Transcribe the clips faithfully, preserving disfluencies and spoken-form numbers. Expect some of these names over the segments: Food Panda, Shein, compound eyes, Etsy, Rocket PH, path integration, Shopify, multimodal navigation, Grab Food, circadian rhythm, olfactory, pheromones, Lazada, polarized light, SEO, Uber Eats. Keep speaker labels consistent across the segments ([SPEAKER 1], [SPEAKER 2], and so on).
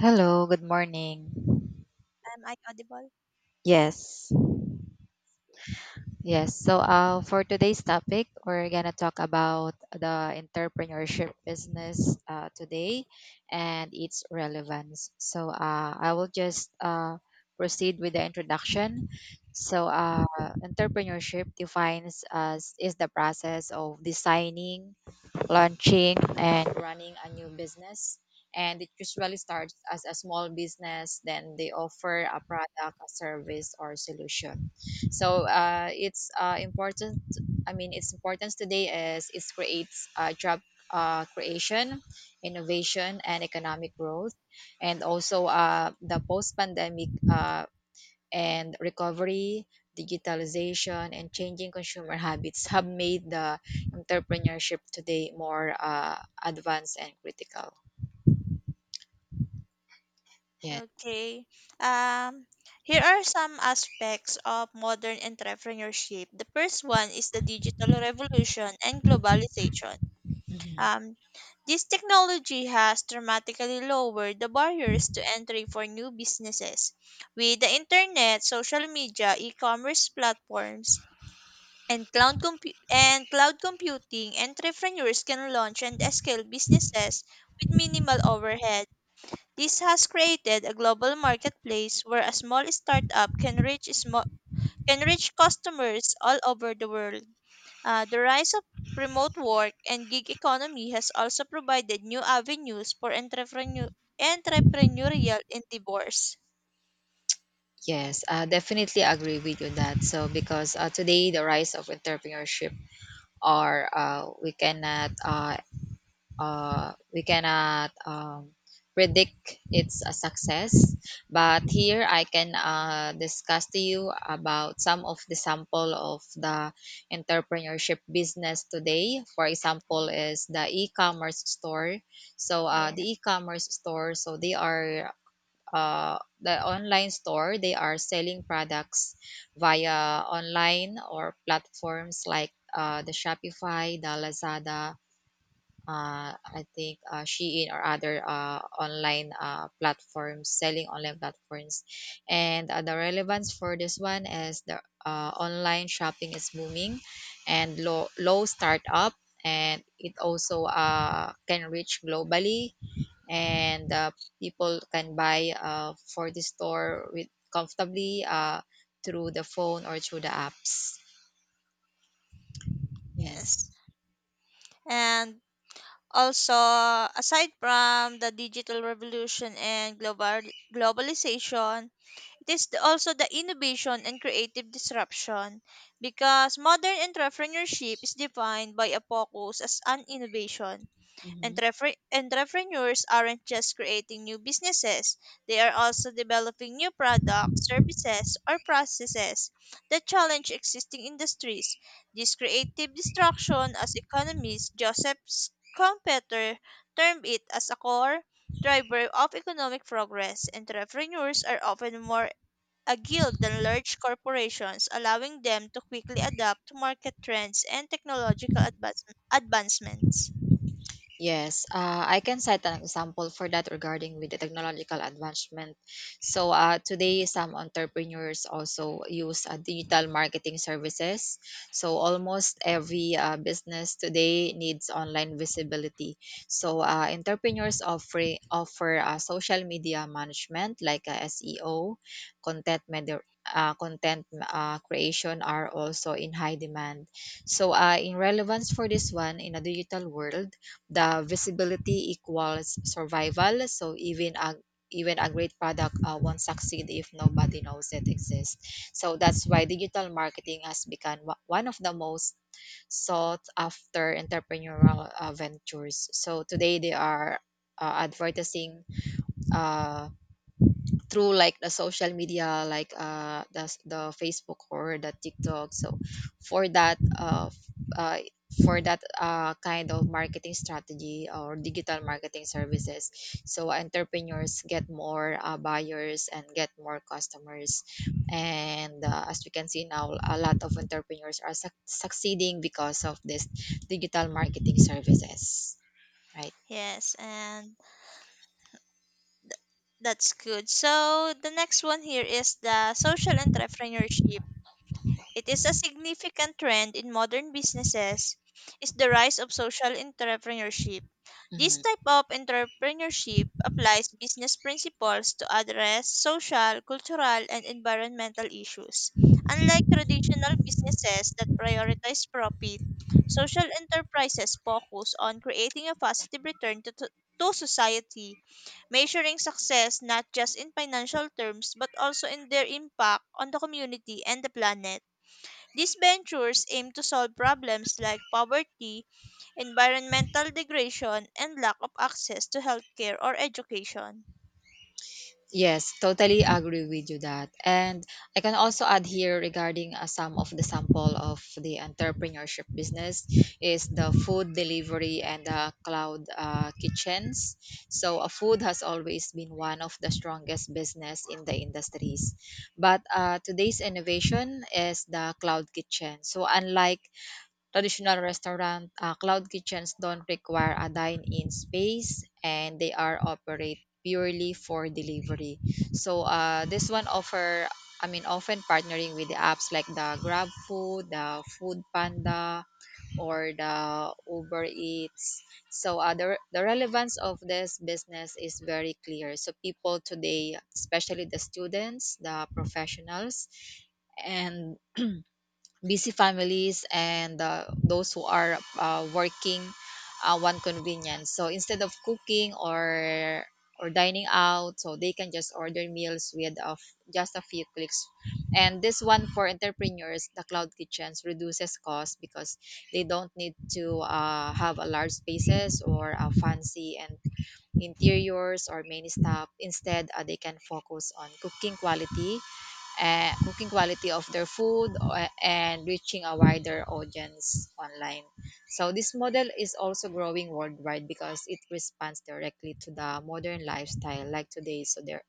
[SPEAKER 1] Hello, good morning.
[SPEAKER 2] Am I audible?
[SPEAKER 1] Yes, yes. So, uh, for today's topic, we're gonna talk about the entrepreneurship business uh, today and its relevance. So, uh, I will just uh, proceed with the introduction. So, uh, Entrepreneurship defines as is the process of designing, launching and running a new business. And it usually starts as a small business, then they offer a product, a service, or solution. So uh, it's uh, important. I mean, its importance today is it creates uh, job uh, creation, innovation, and economic growth, and also uh, the post-pandemic uh, and recovery, digitalization, and changing consumer habits have made the entrepreneurship today more uh, advanced and critical. Yeah.
[SPEAKER 2] Okay. Um, Here are some aspects of modern entrepreneurship. The first one is the digital revolution and globalization.
[SPEAKER 1] Mhm.
[SPEAKER 2] Um, this technology has dramatically lowered the barriers to entry for new businesses. With the internet, social media, e-commerce platforms, and cloud, compu- and cloud computing, entrepreneurs can launch and scale businesses with minimal overhead. This has created a global marketplace where a small startup can reach small, can reach customers all over the world. Uh, the rise of remote work and gig economy has also provided new avenues for entrepreneur, entrepreneurial endeavors.
[SPEAKER 1] Yes, I definitely agree with you that. So because uh, today the rise of entrepreneurship are uh, we cannot uh, uh, we cannot um, predict its a success, but here I can uh, discuss to you about some of the sample of the entrepreneurship business today, for example
[SPEAKER 2] Yeah.
[SPEAKER 1] is the e-commerce store. So uh,
[SPEAKER 2] Yeah.
[SPEAKER 1] the e-commerce store, so they are uh, the online store, they are selling products via online or platforms like uh, the shopify, the lazada, uh, I think uh, Shein or other uh, online uh, platforms, selling online platforms. And uh, the relevance for this one is the uh, online shopping is booming and low, low startup, and it also uh, can reach globally, and uh, people can buy uh, for the store with comfortably uh, through the phone or through the apps. Yes.
[SPEAKER 2] Yes. And also, aside from the digital revolution and global globalization, it is the- also the innovation and creative disruption because modern entrepreneurship is defined by a focus as an innovation.
[SPEAKER 1] Mhm.
[SPEAKER 2] Entrepre- entrepreneurs aren't just creating new businesses, they are also developing new products, services, or processes that challenge existing industries. This creative destruction, as economist Joseph Schumpeter termed it, as a core driver of economic progress, entrepreneurs are often more a guild then large corporations, allowing them to quickly adapt to market trends and technological advance- advancements.
[SPEAKER 1] Yes, uh, I can set an example for that regarding with the technological advancement. So uh, today, some entrepreneurs also use uh, digital marketing services. So almost every uh, business today needs online visibility. So uh, entrepreneurs offer offer uh, social media management like uh, S E O, content med- uh, content uh, creation are also in high demand. So, uh, in relevance for this one, in a digital world, the visibility equals survival, so even a even a great product uh, won't succeed if nobody knows it exists, so that's why digital marketing has become wa- one of the most sought after entrepreneurial uh, ventures. So today they are uh, advertising uh, through like the social media like uh the, s- the facebook or the tiktok. So for that uh, f- uh for that uh, kind of marketing strategy or digital marketing services, so entrepreneurs get more uh, buyers and get more customers, and uh, as we can see now a lot of entrepreneurs are suc succeeding because of this digital marketing services, right?
[SPEAKER 2] Yes, and that's good. So the next one here is the social entrepreneurship. It is a significant trend in modern businesses is the rise of social entrepreneurship. This
[SPEAKER 1] Mhm.
[SPEAKER 2] type of entrepreneurship applies business principles to address social, cultural, and environmental issues. Unlike traditional businesses that prioritize profit, social enterprises focus on creating a positive return to, to, to society, measuring success not just in financial terms but also in their impact on the community and the planet. These ventures aim to solve problems like poverty, environmental degradation, and lack of access to healthcare or education.
[SPEAKER 1] Yes, totally agree with you that. And I can also add here regarding uh, some of the sample of the entrepreneurship business is the food delivery and the cloud uh, kitchens. So uh, food has always been one of the strongest business in the industries. But uh, today's innovation is the cloud kitchen. So unlike traditional restaurant, uh, cloud kitchens don't require a dine-in space, and they are operate purely for delivery. So uh, this one offer, I mean, often partnering with the apps like the Grab Food, the Food Panda, or the Uber Eats. So uh, the, the relevance of this business is very clear. So people today, especially the students, the professionals, and busy families and uh, those who are uh, working uh, one convenience, so instead of cooking or or dining out, so they can just order meals with of just a few clicks. And this one for entrepreneurs, the cloud kitchens reduces cost because they don't need to uh, have a large spaces or uh, fancy and interiors or many stuff. Instead uh, they can focus on cooking quality uh, cooking quality of their food uh, and reaching a wider audience online. So this model is also growing worldwide because it responds directly to the modern lifestyle like today. So there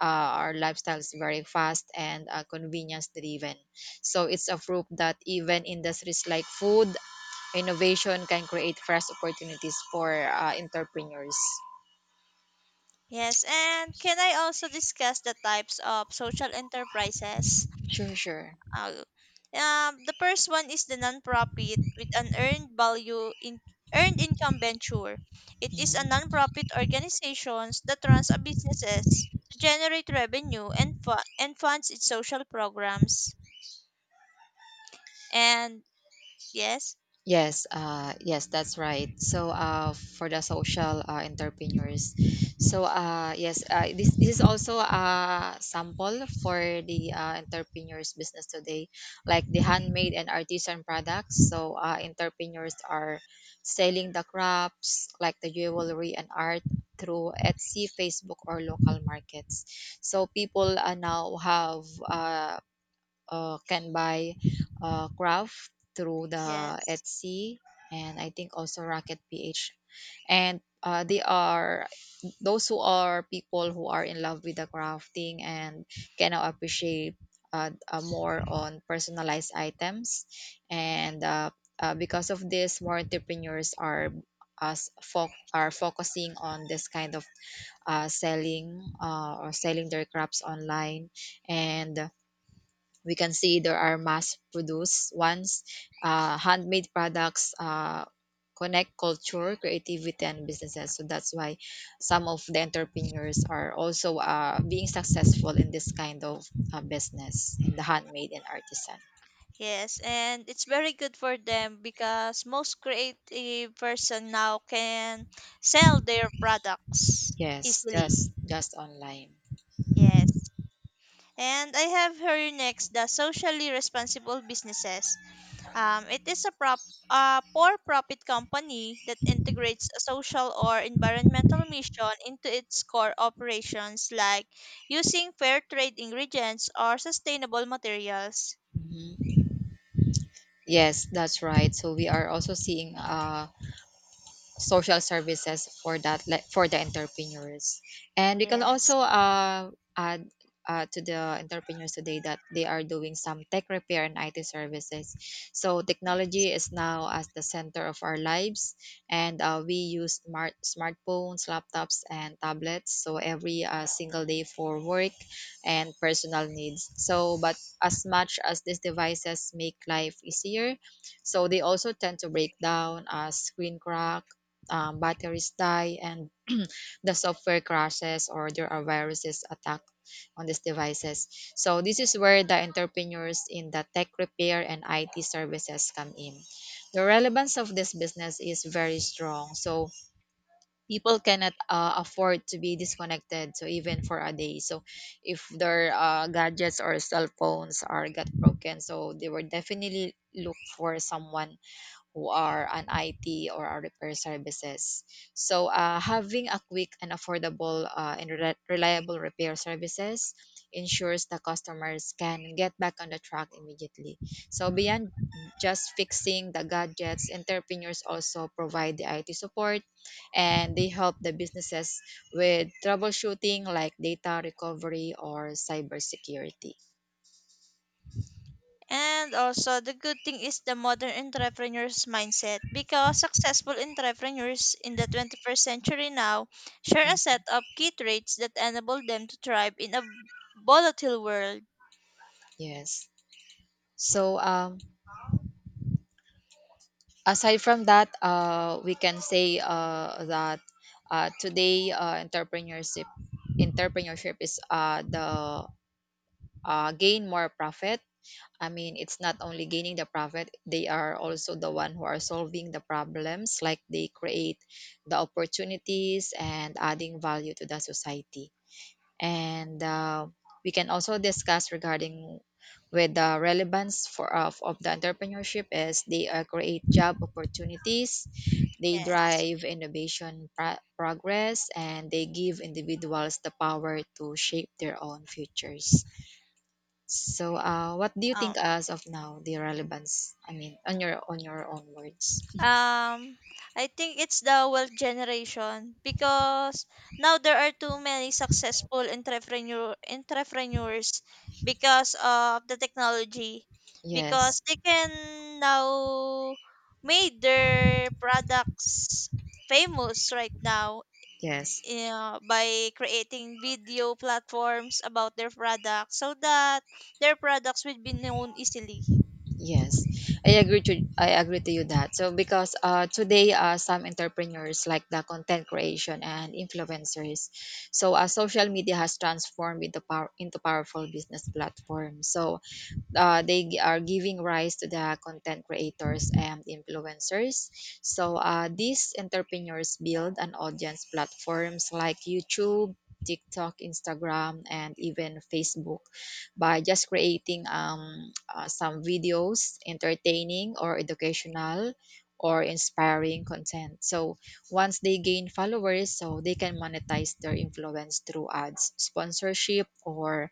[SPEAKER 1] uh, our lifestyle is very fast and uh, convenience driven. So it's a proof that even industries like food innovation can create fresh opportunities for uh, entrepreneurs.
[SPEAKER 2] Yes, and can I also discuss the types of social enterprises?
[SPEAKER 1] Sure, sure.
[SPEAKER 2] Uh, um, the first one is the nonprofit with an earned value in earned income venture. It is a
[SPEAKER 1] Mhm.
[SPEAKER 2] nonprofit organization that runs a businesses to generate revenue and fu- and funds its social programs. And yes,
[SPEAKER 1] Yes, uh, yes, that's right. So, uh, for the social uh, entrepreneurs, so uh, yes, uh, this, this is also a sample for the uh, entrepreneurs business today, like the handmade and artisan products. So, uh, entrepreneurs are selling the crafts like the jewelry and art through Etsy, Facebook, or local markets. So, people uh, now have uh, uh, can buy uh, craft through the
[SPEAKER 2] yes,
[SPEAKER 1] Etsy and I think also Rocket P H. And uh, they are those who are people who are in love with the crafting and can now appreciate uh, uh, more on personalized items. And uh, uh, because of this, more entrepreneurs are us fo- are focusing on this kind of uh, selling uh, or selling their crafts online, and we can see there are mass produced ones, uh, handmade products uh, connect culture creativity and businesses. So that's why some of the entrepreneurs are also uh, being successful in this kind of uh, business in the handmade and artisan.
[SPEAKER 2] yes, and it's very good for them because most creative person now can sell their products
[SPEAKER 1] yes
[SPEAKER 2] easily.
[SPEAKER 1] just just online.
[SPEAKER 2] Yes. And I have here next the socially responsible businesses. Um, it is a prop a for-profit company that integrates a social or environmental mission into its core operations, like using fair trade ingredients or sustainable materials.
[SPEAKER 1] Mhm. Yes, that's right. So we are also seeing uh, social services for that, like for the entrepreneurs. And we can
[SPEAKER 2] Yes.
[SPEAKER 1] also uh, add uh, to the entrepreneurs today that they are doing some tech repair and I T services. So
[SPEAKER 2] Yeah.
[SPEAKER 1] technology is now as the center of our lives, and uh, we use smart smartphones, laptops, and tablets. So every uh, single day for work and personal needs. So, but as much as these devices make life easier, so they also tend to break down, uh, screen crack, um, batteries die, and the software crashes or there are viruses attack on these devices. So this is where the entrepreneurs in the tech repair and I T services come in. The relevance of this business is very strong. So people cannot uh, afford to be disconnected so even for a day, so if their uh, gadgets or cell phones are got broken, so they will definitely look for someone who are an I T or our repair services. So uh, having a quick and affordable uh, and reli- reliable repair services ensures the customers can get back on the track immediately. So beyond just fixing the gadgets, entrepreneurs also provide the I T support and they help the businesses with troubleshooting like data recovery or cybersecurity.
[SPEAKER 2] And also, the good thing is the modern entrepreneur's mindset because successful entrepreneurs in the twenty-first century now share a
[SPEAKER 1] Mm,
[SPEAKER 2] set of key traits that enable them to thrive in a volatile world.
[SPEAKER 1] yes. So um, aside from that, uh, we can say uh, that uh, today uh, entrepreneurship entrepreneurship is uh, the uh, gain more profit. I mean, it's not only gaining the profit; they are also the one who are solving the problems. Like they create the opportunities and adding value to the society, and uh, we can also discuss regarding with the relevance for uh, of, of the entrepreneurship is they uh, create job opportunities, they
[SPEAKER 2] Yes.
[SPEAKER 1] drive innovation pro- progress, and they give individuals the power to shape their own futures. So uh, what do you
[SPEAKER 2] um,
[SPEAKER 1] think as of now the relevance, I mean, on your on your own words?
[SPEAKER 2] Um, I think it's the wealth generation because now there are too many successful entrepreneur entrepreneurs because of the technology,
[SPEAKER 1] Yes,
[SPEAKER 2] because they can now made their products famous right now
[SPEAKER 1] yes.
[SPEAKER 2] uh, by creating video platforms about their products so that their products will be known easily.
[SPEAKER 1] Yes, I agree to I agree to you that. So because uh, today uh, some entrepreneurs like the content creation and influencers, so uh, social media has transformed into power into powerful business platform. So uh, they gi- are giving rise to the content creators and influencers. So uh, these entrepreneurs build an audience platforms like YouTube, TikTok, Instagram, and even Facebook by just creating um, uh, some videos, entertaining or educational or inspiring content. So once they gain followers, so they can monetize their influence through ads, sponsorship, or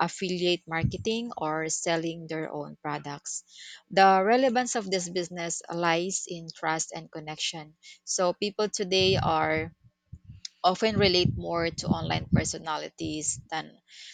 [SPEAKER 1] affiliate marketing or selling their own products. The relevance of this business lies in trust and connection. So people today are often relate more to online personalities than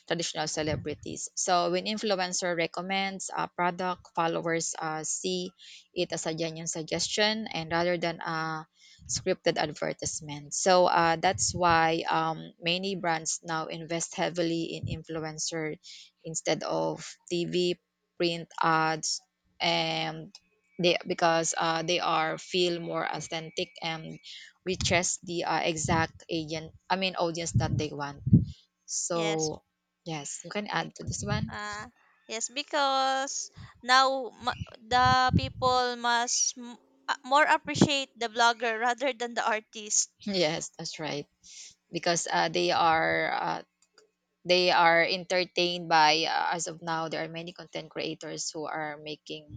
[SPEAKER 1] traditional celebrities. So when influencer recommends a product, followers uh, see it as a genuine suggestion and rather than a scripted advertisement. So uh, that's why um, many brands now invest heavily in influencer instead of T V, print ads, and they because uh, they are feel more authentic and reaches the uh, exact agent I mean audience that they want.
[SPEAKER 2] Yes.
[SPEAKER 1] So yes, you can add to this one.
[SPEAKER 2] Ah, yes, because now ma- the people must m- uh, more appreciate the blogger rather than the artist.
[SPEAKER 1] Yes, that's right, because uh, they are uh, they are entertained by uh, as of now there are many content creators who are making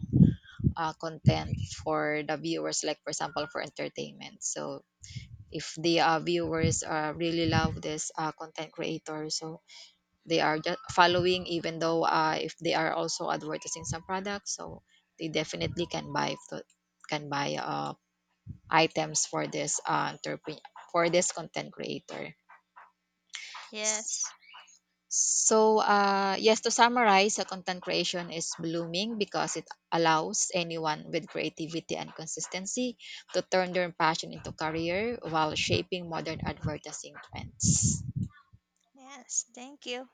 [SPEAKER 1] uh, content for the viewers, like for example for entertainment. So if the uh, viewers uh, really love this uh, content creator, so they are just following even though uh, if they are also advertising some products, so they definitely can buy to, can buy uh, items for this uh, entrepreneur, for this content creator.
[SPEAKER 2] Yes,
[SPEAKER 1] So uh, yes, to summarize, uh, content creation is blooming because it allows anyone with creativity and consistency to turn their passion into career while shaping modern advertising trends.
[SPEAKER 2] yes, thank you.